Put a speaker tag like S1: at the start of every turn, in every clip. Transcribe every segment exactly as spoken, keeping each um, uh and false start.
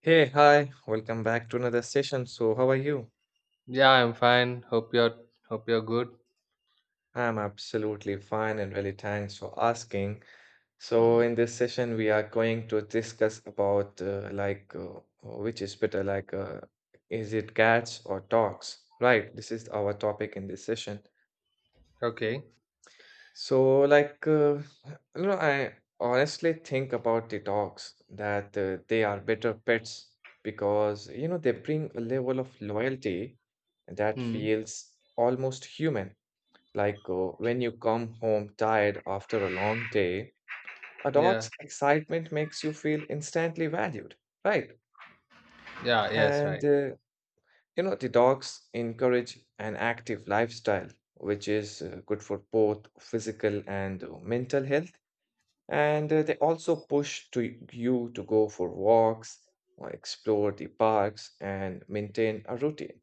S1: Hey, hi, welcome back to another session. So, how are you?
S2: Yeah, I'm fine. Hope you're hope you're good.
S1: I'm absolutely fine and really thanks for asking. So,
S2: Mm.
S1: in this session, we are going to discuss about uh, like uh, which is better, like uh, is it cats or dogs? Right, this is our topic in this session.
S2: Okay.
S1: So, like, uh, you know, I honestly think about the dogs that uh, they are better pets because, you know, they bring a level of loyalty that
S2: Mm.
S1: feels almost human. Like, uh, when you come home tired after a long day, a
S2: Yeah.
S1: dog's excitement makes you feel instantly valued, right?
S2: Yeah. Yes.
S1: And,
S2: Right.
S1: uh, you know, the dogs encourage an active lifestyle, which is uh, good for both physical and uh, mental health. And uh, they also push to you to go for walks, or explore the parks, and maintain a routine.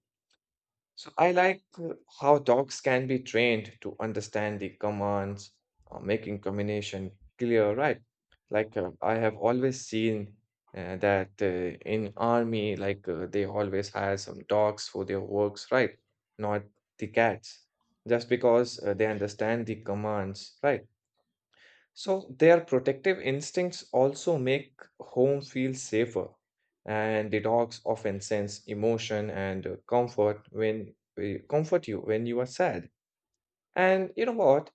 S1: So I like uh, how dogs can be trained to understand the commands, uh, making communication clear, right? Like uh, I have always seen uh, that uh, in army, like uh, they always hire some dogs for their works, right? Not the cats, just because uh, they understand the commands, right? So, their protective instincts also make home feel safer, and the dogs often sense emotion and uh, comfort when uh, comfort you when you are sad. And you know what?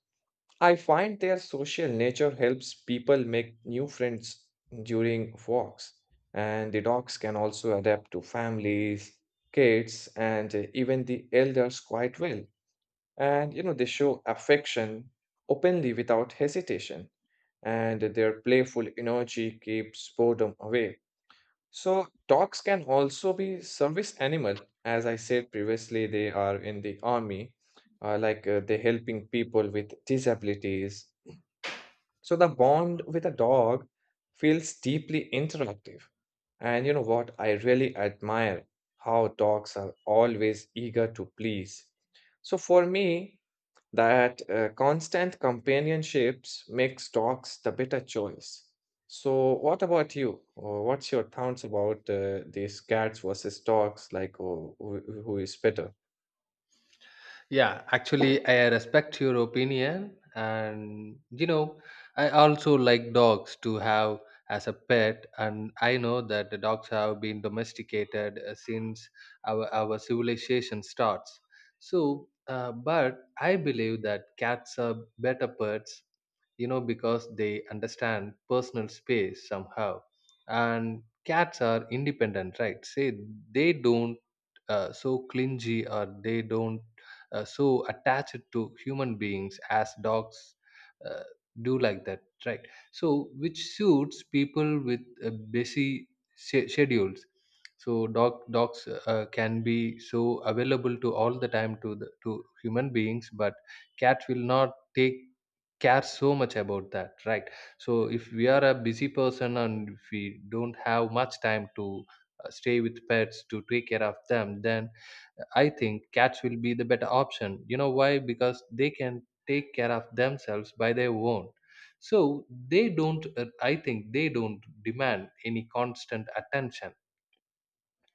S1: I find their social nature helps people make new friends during walks, and the dogs can also adapt to families, kids, and uh, even the elders quite well. And you know, they show affection openly without hesitation and their playful energy keeps boredom away. So, dogs can also be service animal. As I said previously, they are in the army, uh, like uh, they helping people with disabilities so the bond with a dog feels deeply interactive. And you know what? I really admire how dogs are always eager to please. So for me, that uh, constant companionships makes dogs the better choice. So what about you? Uh, What's your thoughts about uh, these cats versus dogs? Like, oh, who who is better?
S2: Yeah, actually, I respect your opinion, and you know, I also like dogs to have as a pet, and I know that the dogs have been domesticated uh, since our our civilization starts. So, uh, but I believe that cats are better pets, you know, because they understand personal space somehow, and cats are independent, right? Say they don't uh, so clingy, or they don't uh, so attached to human beings as dogs uh, do, like that, right? So which suits people with uh, busy sch- schedules. So dog dogs uh, can be so available to all the time to the to human beings, but cats will not take care so much about that, right? So if we are a busy person and if we don't have much time to uh, stay with pets to take care of them, then I think cats will be the better option. You know why? Because they can take care of themselves by their own. So they don't, uh, I think they don't demand any constant attention.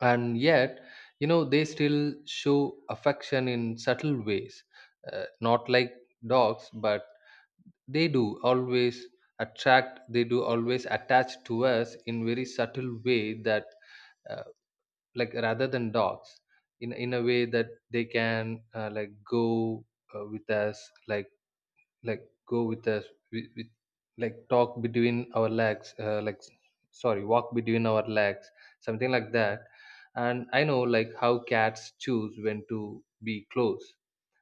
S2: And yet, you know, they still show affection in subtle ways, uh, not like dogs, but they do always attract, they do always attach to us in very subtle way, that uh, like rather than dogs, in in a way that they can uh, like go uh, with us, like like go with us with, with like talk between our legs uh, like sorry walk between our legs, something like that. And I know like how cats choose when to be close,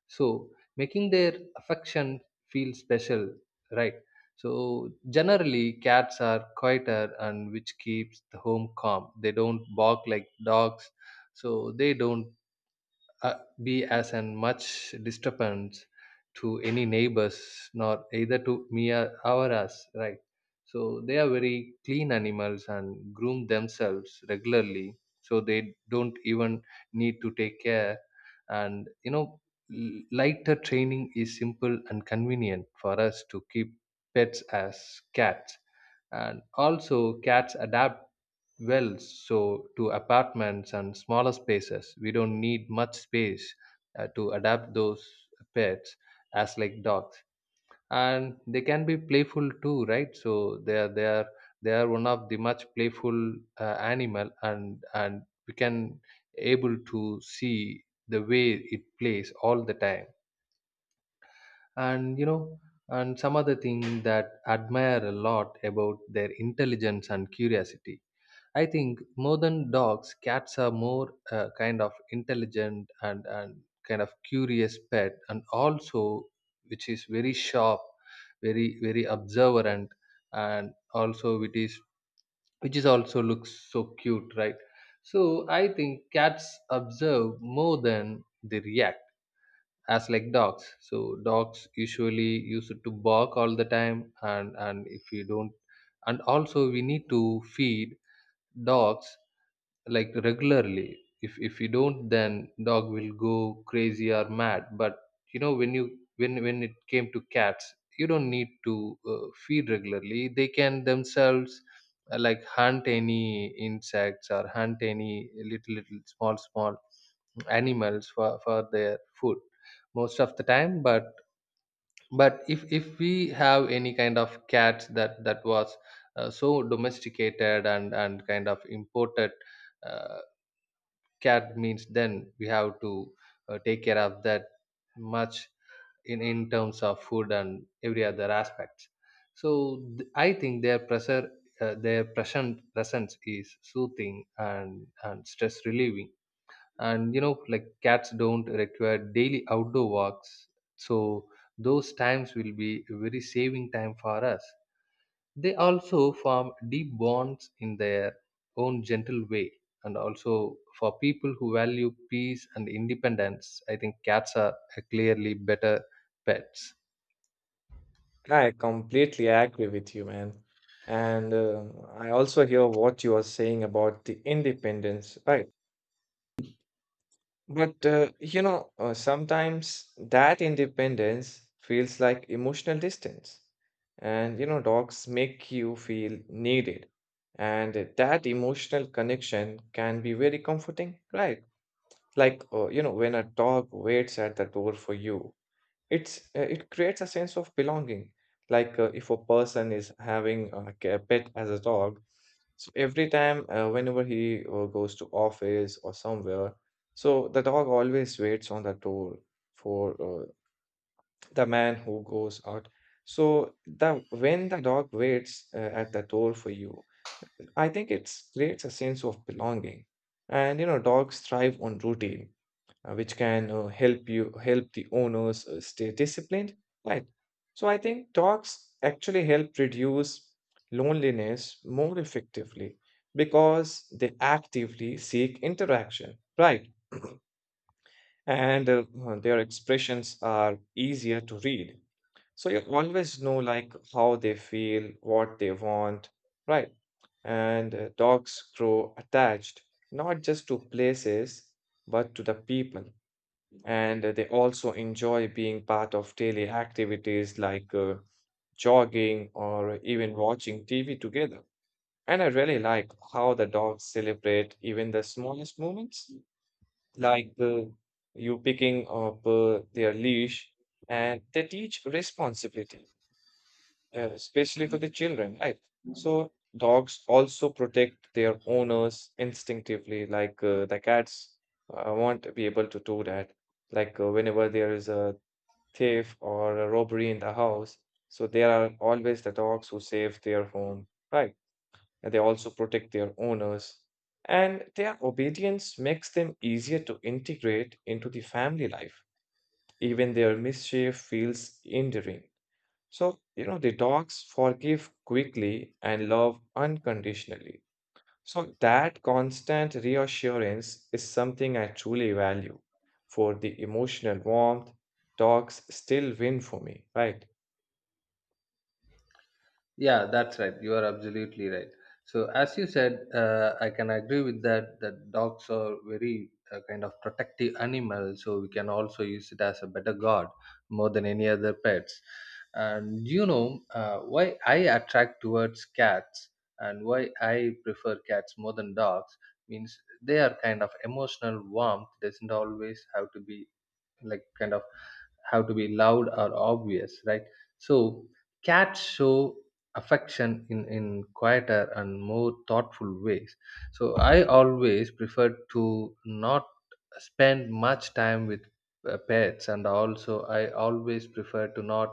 S2: so making their affection feel special, right? So generally cats are quieter, and which keeps the home calm. They don't bark like dogs. So they don't, uh, be as an much disturbance to any neighbors, nor either to me or or us, right? So they are very clean animals and groom themselves regularly, so they don't even need to take care. And you know, l- lighter training is simple and convenient for us to keep pets as cats. And also, cats adapt well, so to apartments and smaller spaces. We don't need much space uh, to adapt those pets as like dogs, and they can be playful too, right? So they are they are they are one of the much playful uh, animal, and and we can able to see the way it plays all the time, and you know. And some other thing that admire a lot about their intelligence and curiosity. I think more than dogs, cats are more uh, kind of intelligent, and, and kind of curious pet, and also which is very sharp, very very observant, and also it is which is also looks so cute, right? So I think cats observe more than they react, as like dogs. So dogs usually used to bark all the time, and and if you don't, and also we need to feed dogs like regularly. if if you don't, then dog will go crazy or mad. But you know, when you when when it came to cats, you don't need to uh, feed regularly. They can themselves uh, like hunt any insects, or hunt any little little small small animals for for their food most of the time. but but if if we have any kind of cats that that was uh, so domesticated and and kind of imported uh, cat means, then we have to uh, take care of that much in, in terms of food and every other aspects. So th- I think their pressure, uh, their present presence is soothing and and stress relieving. And you know, like cats don't require daily outdoor walks, so those times will be a very saving time for us. They also form deep bonds in their own gentle way. And also, for people who value peace and independence, I think cats are clearly better pets.
S1: I completely agree with you, man. And uh, I also hear what you are saying about the independence, right? But uh, you know, uh, sometimes that independence feels like emotional distance. And you know, dogs make you feel needed. And that emotional connection can be very comforting, right? Like, uh, you know, when a dog waits at the door for you it's uh, it creates a sense of belonging like uh, if a person is having uh, like a pet as a dog so every time uh, whenever he uh, goes to office or somewhere so the dog always waits on the door for uh, the man who goes out so the when the dog waits uh, at the door for you, I think it creates a sense of belonging. And you know, dogs thrive on routine, uh, which can uh, help you help the owners uh, stay disciplined, right? So I think talks actually help reduce loneliness more effectively because they actively seek interaction, right? and uh, uh, their expressions are easier to read so you always know like how they feel what they want, right? and uh, dogs grow attached not just to places but to the people, and they also enjoy being part of daily activities like uh, jogging or even watching T V together. And I really like how the dogs celebrate even the smallest moments, like uh, you picking up uh, their leash, and they teach responsibility, uh, especially for the children, right? So dogs also protect their owners instinctively, like uh, the cats uh, won't be able to do that. Like uh, whenever there is a thief or a robbery in the house. So there are always the dogs who save their home, right? And they also protect their owners. And their obedience makes them easier to integrate into the family life. Even their mischief feels endearing. So, you know, the dogs forgive quickly and love unconditionally. So, that constant reassurance is something I truly value. For the emotional warmth, dogs still win for me, right?
S2: Yeah, that's right. You are absolutely right. So, as you said, uh, I can agree with that. That dogs are very uh, kind of protective animal, so we can also use it as a better guard more than any other pets. And you know, uh, why I attract towards cats and why I prefer cats more than dogs, means they are kind of emotional warmth doesn't always have to be like kind of have to be loud or obvious, right? So cats show affection in in quieter and more thoughtful ways. So I always prefer to not spend much time with uh, pets, and also I always prefer to not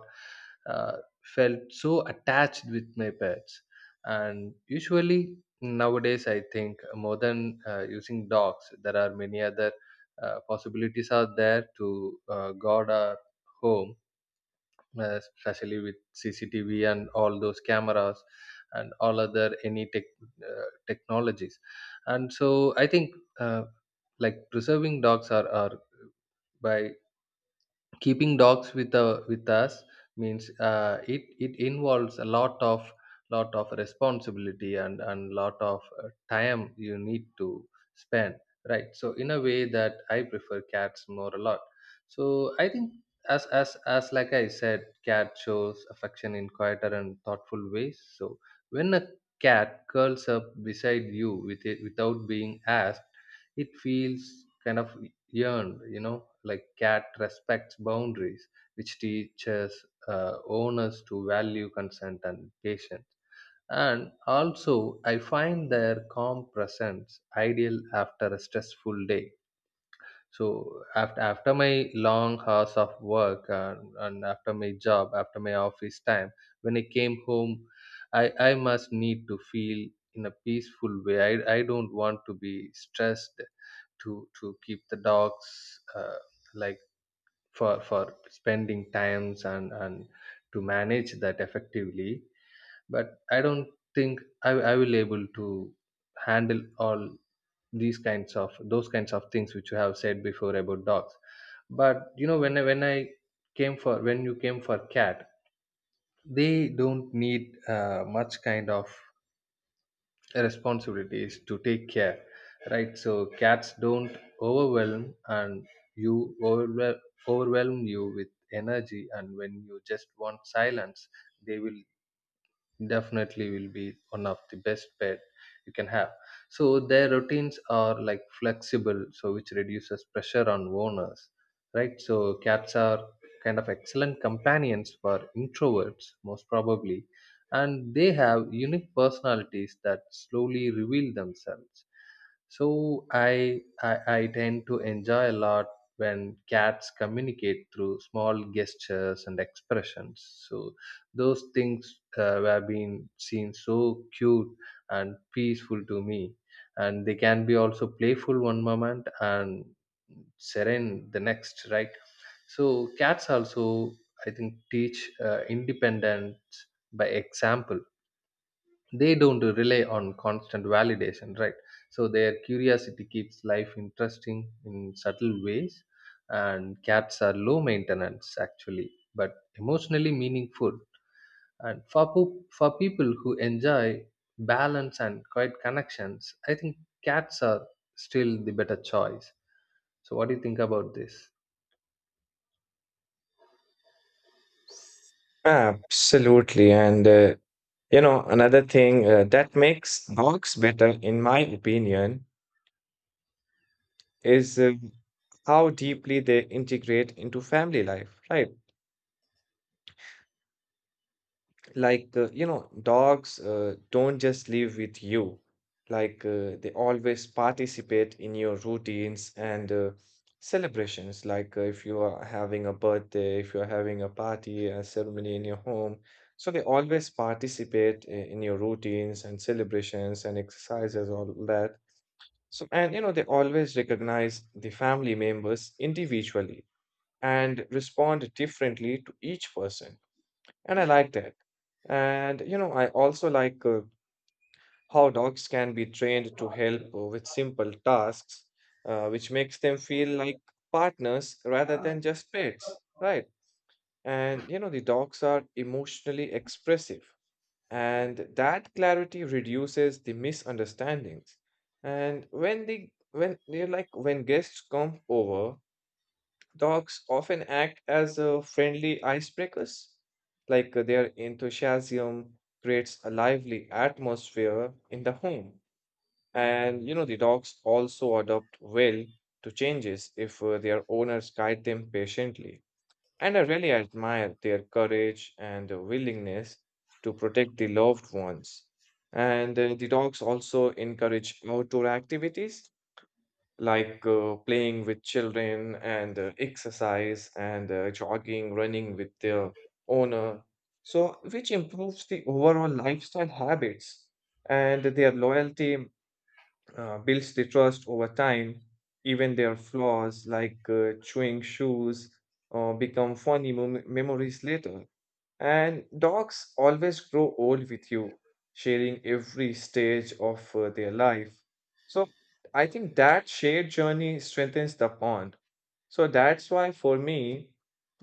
S2: uh, felt so attached with my pets. And usually nowadays I think more than uh, using dogs, there are many other uh, possibilities are there to uh, guard our home, uh, especially with C C T V and all those cameras and all other any tech, uh, technologies. And so I think, uh, like preserving dogs are, are by keeping dogs with uh, with us means uh, it it involves a lot of lot of responsibility, and and lot of uh, time you need to spend, right? So in a way that I prefer cats more a lot. So I think as as as like I said, cat shows affection in quieter and thoughtful ways. So when a cat curls up beside you with it without being asked, it feels kind of yearned, you know, like cat respects boundaries, which teaches uh, owners to value consent and patience. And also, I find their calm presence ideal after a stressful day. So after after my long hours of work, and, and after my job, after my office time, when I came home, I, I must need to feel in a peaceful way. I, I don't want to be stressed to to keep the dogs, uh, like for for spending times, and and to manage that effectively. But I don't think i, I will able to handle all these kinds of those kinds of things which you have said before about dogs. But you know, when I, when I came for when you came for cat, they don't need uh, much kind of responsibility is to take care, right? So cats don't overwhelm and you overwhelm, overwhelm you with energy. And when you just want silence, they will definitely will be one of the best pet you can have. So their routines are like flexible, so which reduces pressure on owners, right? So cats are kind of excellent companions for introverts most probably, and they have unique personalities that slowly reveal themselves. So I, I I tend to enjoy a lot when cats communicate through small gestures and expressions. So those things uh, have been seen so cute and peaceful to me, and they can be also playful one moment and serene the next, right? So cats also, I think, teach uh, independence by example. They don't rely on constant validation, right? So their curiosity keeps life interesting in subtle ways, and cats are low maintenance actually, but emotionally meaningful. And for poop, for people who enjoy balance and quiet connections, I think cats are still the better choice. So what do you think about this?
S1: Absolutely. And, uh, you know, another thing uh, that makes dogs better, in my opinion, is uh, how deeply they integrate into family life, right? like uh, you know, dogs uh, don't just live with you, like uh, they always participate in your routines and uh, celebrations, like uh, if you are having a birthday, if you're having a party, a ceremony in your home, so they always participate i- in your routines and celebrations and exercises all that. So and you know, they always recognize the family members individually and respond differently to each person, and I like that. And you know, I also like uh, how dogs can be trained to help uh, with simple tasks, uh, which makes them feel like partners rather than just pets, right? And you know, the dogs are emotionally expressive, and that clarity reduces the misunderstandings. And when the when they're like when guests come over, dogs often act as uh, friendly icebreakers. Like uh, their enthusiasm creates a lively atmosphere in the home. And you know, the dogs also adapt well to changes if uh, their owners guide them patiently. And I really admire their courage and uh, willingness to protect the loved ones. And uh, the dogs also encourage outdoor activities like uh, playing with children and uh, exercise and uh, jogging, running with their owner. So, which improves the overall lifestyle habits, and their loyalty uh, builds the trust over time. Even their flaws, like uh, chewing shoes, uh, become funny mem- memories later. And dogs always grow old with you, sharing every stage of uh, their life. So I think that shared journey strengthens the bond. So that's why for me,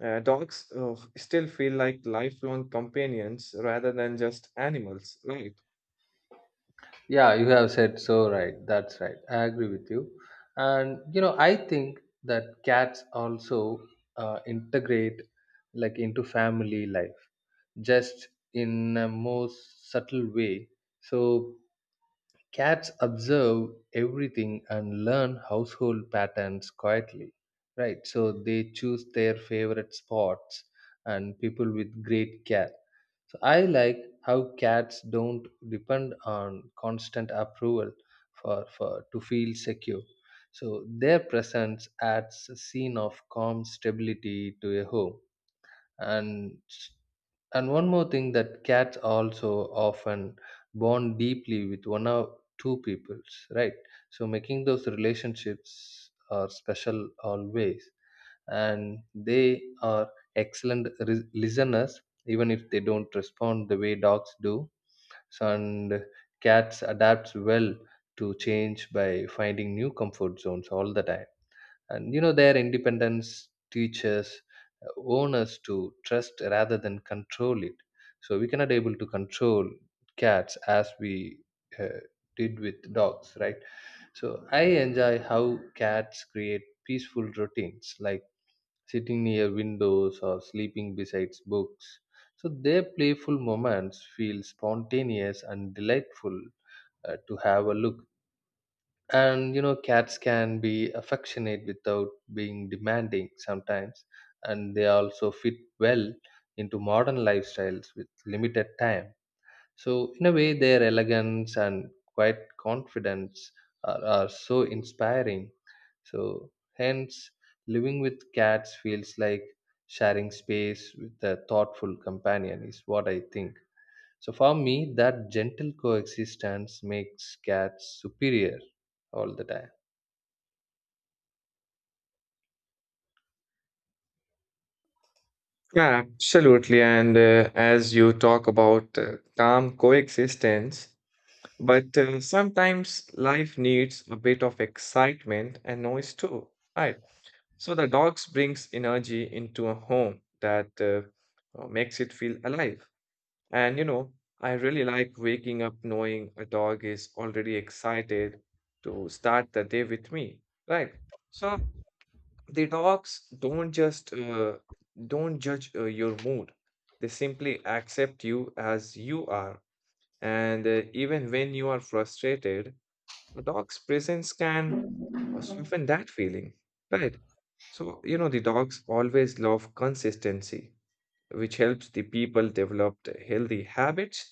S1: uh, dogs uh, still feel like lifelong companions rather than just animals, right?
S2: Yeah, you have said so right. That's right. I agree with you. And you know, I think that cats also uh, integrate like into family life, just in a more subtle way. So cats observe everything and learn household patterns quietly, right? So they choose their favorite spots and people with great care. So I like how cats don't depend on constant approval for, for to feel secure. So their presence adds a scene of calm stability to a home. and and one more thing, that cats also often bond deeply with one or two peoples, right? So making those relationships are special always. And they are excellent ris- listeners, even if they don't respond the way dogs do. So, and cats adapts well to change by finding new comfort zones all the time. And you know, their independence teaches uh, owners to trust rather than control it. So we cannot able to control cats as we uh, did with dogs, right? So I enjoy how cats create peaceful routines, like sitting near windows or sleeping beside books. So their playful moments feel spontaneous and delightful uh, to have a look. And you know, cats can be affectionate without being demanding sometimes. And they also fit well into modern lifestyles with limited time. So in a way, their elegance and quiet confidence are, are so inspiring. So hence, living with cats feels like sharing space with a thoughtful companion, is what I think. So for me, that gentle coexistence makes cats superior all the time.
S1: Yeah, absolutely. And uh, as you talk about uh, calm coexistence, but uh, sometimes life needs a bit of excitement and noise too, right? So the dogs brings energy into a home that uh, uh, makes it feel alive. And you know, I really like waking up knowing a dog is already excited to start the day with me, right? So the dogs don't just uh, don't judge uh, your mood. They simply accept you as you are. And uh, even when you are frustrated, a dog's presence can Asuf and that feeling, right? So, you know, the dogs always love consistency, which helps the people develop the healthy habits.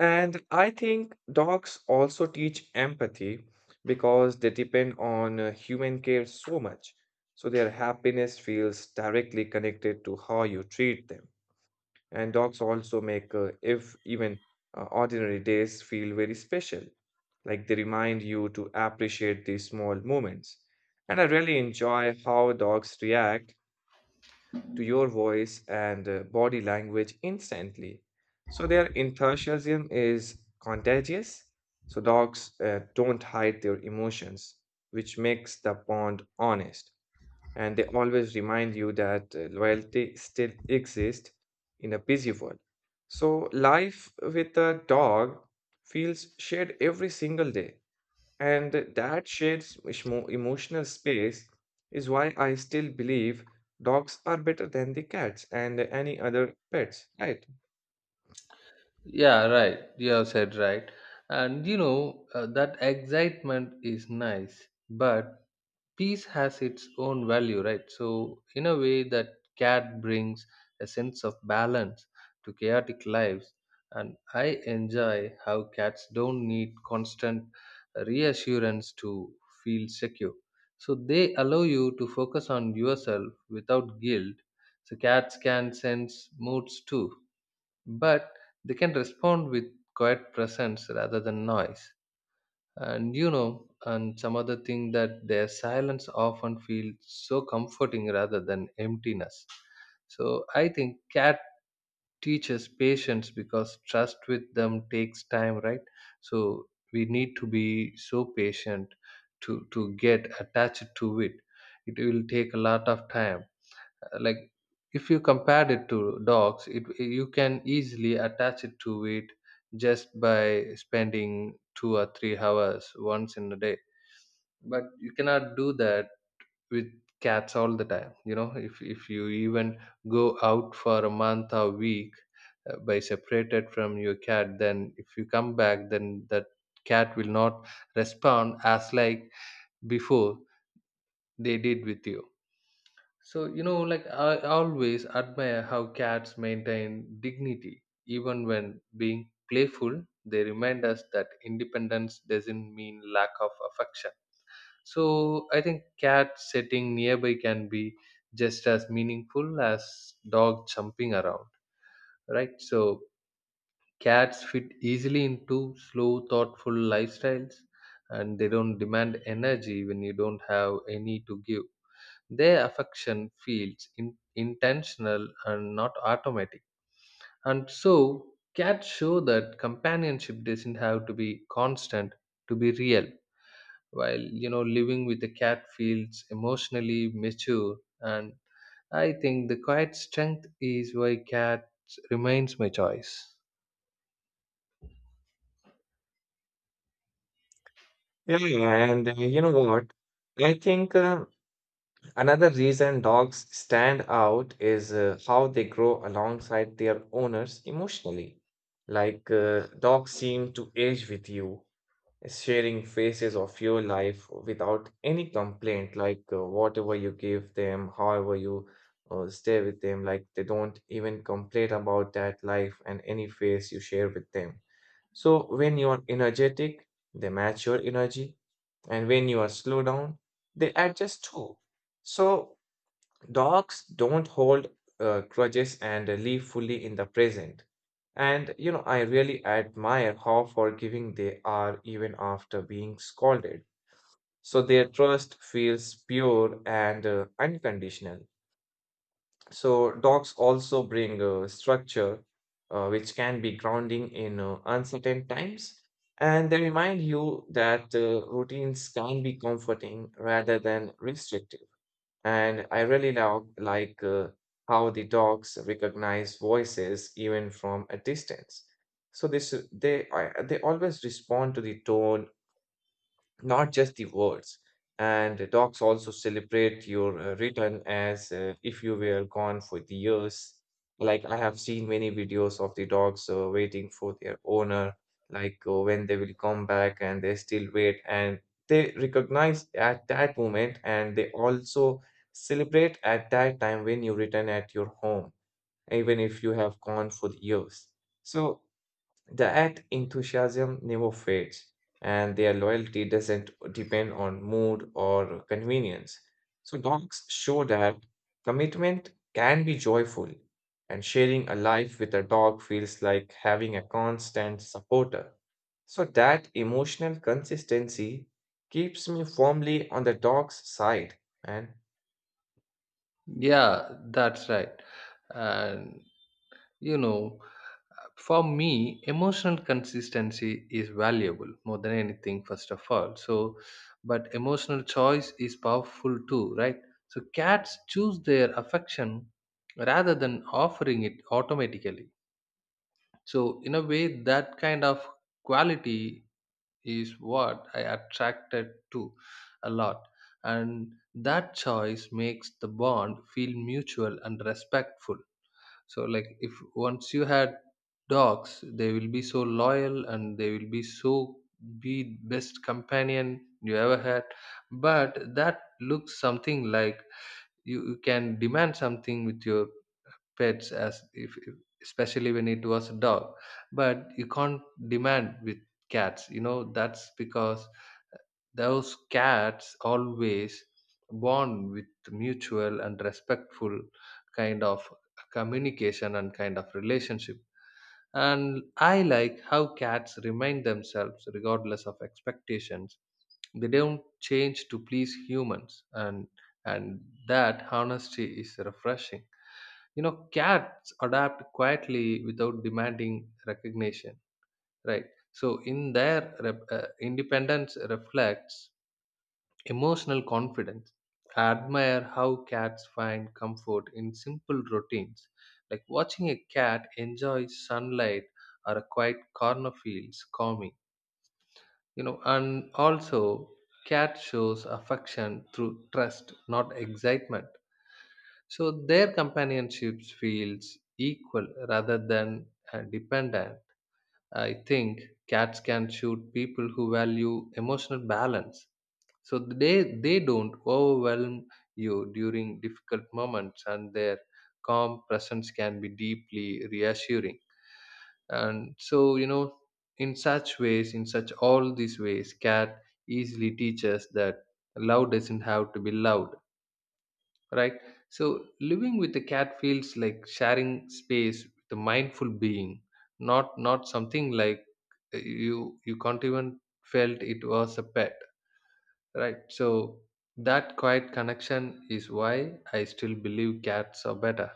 S1: And I think dogs also teach empathy because they depend on uh, human care so much. So their happiness feels directly connected to how you treat them. And dogs also make, uh, if even uh, ordinary days, feel very special. Like they remind you to appreciate these small moments. And I really enjoy how dogs react to your voice and uh, body language instantly. So their enthusiasm is contagious. So dogs uh, don't hide their emotions, which makes the bond honest and they always remind you that uh, loyalty still exists in a busy world. So, life with a dog feels shared every single day, and that shared s- emo- emotional space is why I still believe dogs are better than the cats and any other pets, right?
S2: Yeah, right. You have said right. And you know, uh, that excitement is nice, but peace has its own value, right? So, in a way, that cat brings a sense of balance to chaotic lives. And I enjoy how cats don't need constant reassurance to feel secure. So, they allow you to focus on yourself without guilt. So, cats can sense moods too, but they can respond with quiet presence rather than noise, and you know and some other thing, that their silence often feels so comforting rather than emptiness. So I think cat teaches patience because trust with them takes time, right? So we need to be so patient to to get attached to it. It will take a lot of time. Like, if you compared it to dogs, it you can easily attach it to it just by spending two or three hours once in a day. But you cannot do that with cats all the time. you know if if you even go out for a month or week, uh, by separated from your cat, then if you come back, then that cat will not respond as like before they did with you. So, you know, like I always admire how cats maintain dignity. Even when being playful, they remind us that independence doesn't mean lack of affection. So, I think cat sitting nearby can be just as meaningful as dog jumping around, right? So, cats fit easily into slow, thoughtful lifestyles, and they don't demand energy when you don't have any to give. Their affection feels in, intentional and not automatic. And so, cats show that companionship doesn't have to be constant to be real. While you know, living with a cat feels emotionally mature, and I think the quiet strength is why cats remains my choice.
S1: Yeah, and uh, you know what? I think. Uh, Another reason dogs stand out is uh, how they grow alongside their owners emotionally. Like uh, dogs seem to age with you, sharing phases of your life without any complaint. Like uh, whatever you give them, however you uh, stay with them, like they don't even complain about that life and any phase you share with them. So when you are energetic, they match your energy, and when you are slow down, they adjust too. So dogs don't hold uh, grudges and live fully in the present. And you know, I really admire how forgiving they are even after being scolded. So their trust feels pure and uh, unconditional. So dogs also bring uh, structure, uh, which can be grounding in uh, uncertain times. And they remind you that uh, routines can be comforting rather than restrictive. And I really love, like uh, how the dogs recognize voices even from a distance. So this, they, I, they always respond to the tone, not just the words. And the docs also celebrate your uh, return as uh, if you were gone for the years. Like I have seen many videos of the dogs uh, waiting for their owner, like uh, when they will come back and they still wait and they recognize at that moment and they also celebrate at that time when you return at your home, even if you have gone for the years. So that enthusiasm never fades, and their loyalty doesn't depend on mood or convenience. So, dogs show that commitment can be joyful, and sharing a life with a dog feels like having a constant supporter. So, that emotional consistency keeps me firmly on the dog's side. And
S2: Yeah, that's right. And You know, for me, emotional consistency is valuable more than anything, first of all. So, but emotional choice is powerful too, right? So, cats choose their affection rather than offering it automatically. So, in a way, that kind of quality is what I attracted to a lot. And that choice makes the bond feel mutual and respectful. So, like, if once you had dogs, they will be so loyal, and they will be so, be best companion you ever had. But that looks something like, you, you can demand something with your pets, as if if- especially when it was a dog. But you can't demand with cats, you know that's because those cats always bond with mutual and respectful kind of communication and kind of relationship. And I like how cats remind themselves regardless of expectations. They don't change to please humans, and and that honesty is refreshing. You know, cats adapt quietly without demanding recognition, right? So in their rep- uh, independence reflects emotional confidence. I admire how cats find comfort in simple routines, like watching a cat enjoy sunlight or a quiet corner feels calming. You know, and also cat shows affection through trust, not excitement. So their companionships feels equal rather than uh, dependent. I think cats can suit people who value emotional balance, so they they don't overwhelm you during difficult moments, and their calm presence can be deeply reassuring. And so, you know in such ways in such all these ways, cat easily teaches that love doesn't have to be loud, right? So living with a cat feels like sharing space with a mindful being, not not something like, uh, you you can't even felt it was a pet. Right. So that quiet connection is why I still believe cats are better.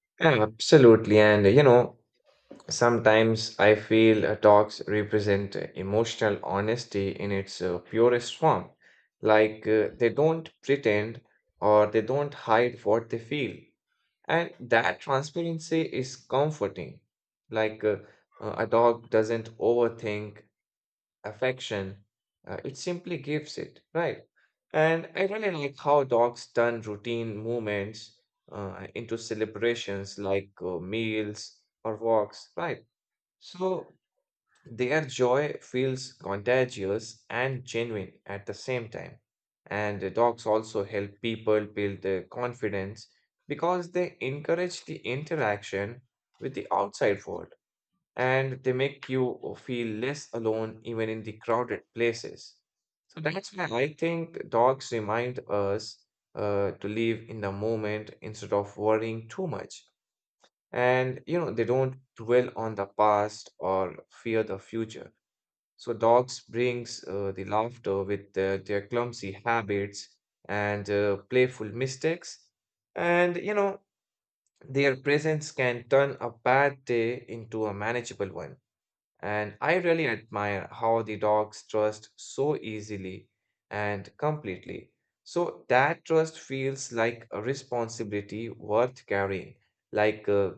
S1: absolutely, and you know, sometimes I feel uh, talks represent uh, emotional honesty in its uh, purest form, like uh, they don't pretend or they don't hide what they feel. And that transparency is comforting. Like uh, uh, a dog doesn't overthink affection, uh, it simply gives it, right? And I really like how dogs turn routine movements uh, into celebrations like uh, meals or walks, right? So their joy feels contagious and genuine at the same time. And the dogs also help people build their confidence because they encourage the interaction with the outside world and they make you feel less alone even in the crowded places. So that's why I think dogs remind us uh, to live in the moment instead of worrying too much. And you know, they don't dwell on the past or fear the future. So dogs brings uh, the laughter with uh, their clumsy habits and uh, playful mistakes. And you know, their presence can turn a bad day into a manageable one. And I really admire how the dogs trust so easily and completely. So that trust feels like a responsibility worth carrying, like uh,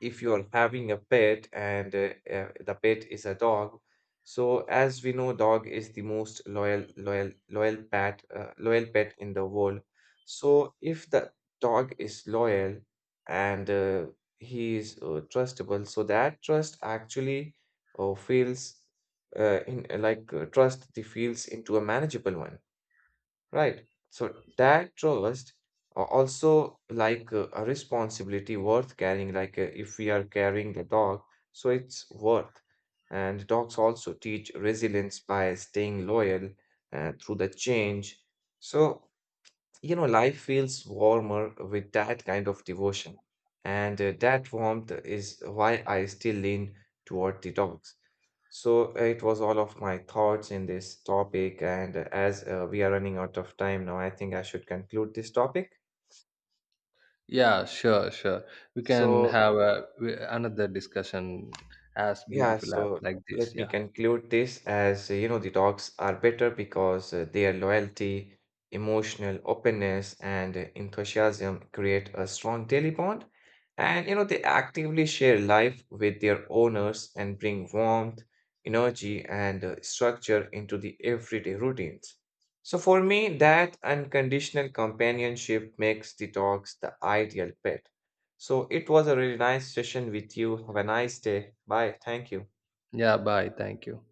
S1: if you're having a pet and uh, uh, the pet is a dog, so as we know, dog is the most loyal loyal loyal pet uh, loyal pet in the world. So if the dog is loyal, and uh, he is uh, trustable, so that trust actually uh, feels uh, in like uh, trust the feels into a manageable one, right? So that trust uh, also like uh, a responsibility worth carrying, like uh, if we are carrying the dog, so it's worth. And dogs also teach resilience by staying loyal uh, through the change. So you know, life feels warmer with that kind of devotion. And uh, that warmth is why I still lean toward the dogs. So uh, it was all of my thoughts in this topic. And uh, as uh, we are running out of time now, I think I should conclude this topic.
S2: Yeah, sure, sure. We can
S1: So
S2: have a, we- another discussion as
S1: yeah,
S2: beautiful as
S1: so
S2: like this.
S1: let me
S2: Yeah.
S1: conclude this as uh, you know, the dogs are better because uh, their loyalty, emotional openness, and uh, enthusiasm create a strong daily bond. And you know, they actively share life with their owners and bring warmth, energy, and uh, structure into the everyday routines. So for me, that unconditional companionship makes the dogs the ideal pet. So it was a really nice session with you. Have a nice day. Bye. Thank you.
S2: Yeah, bye. Thank you.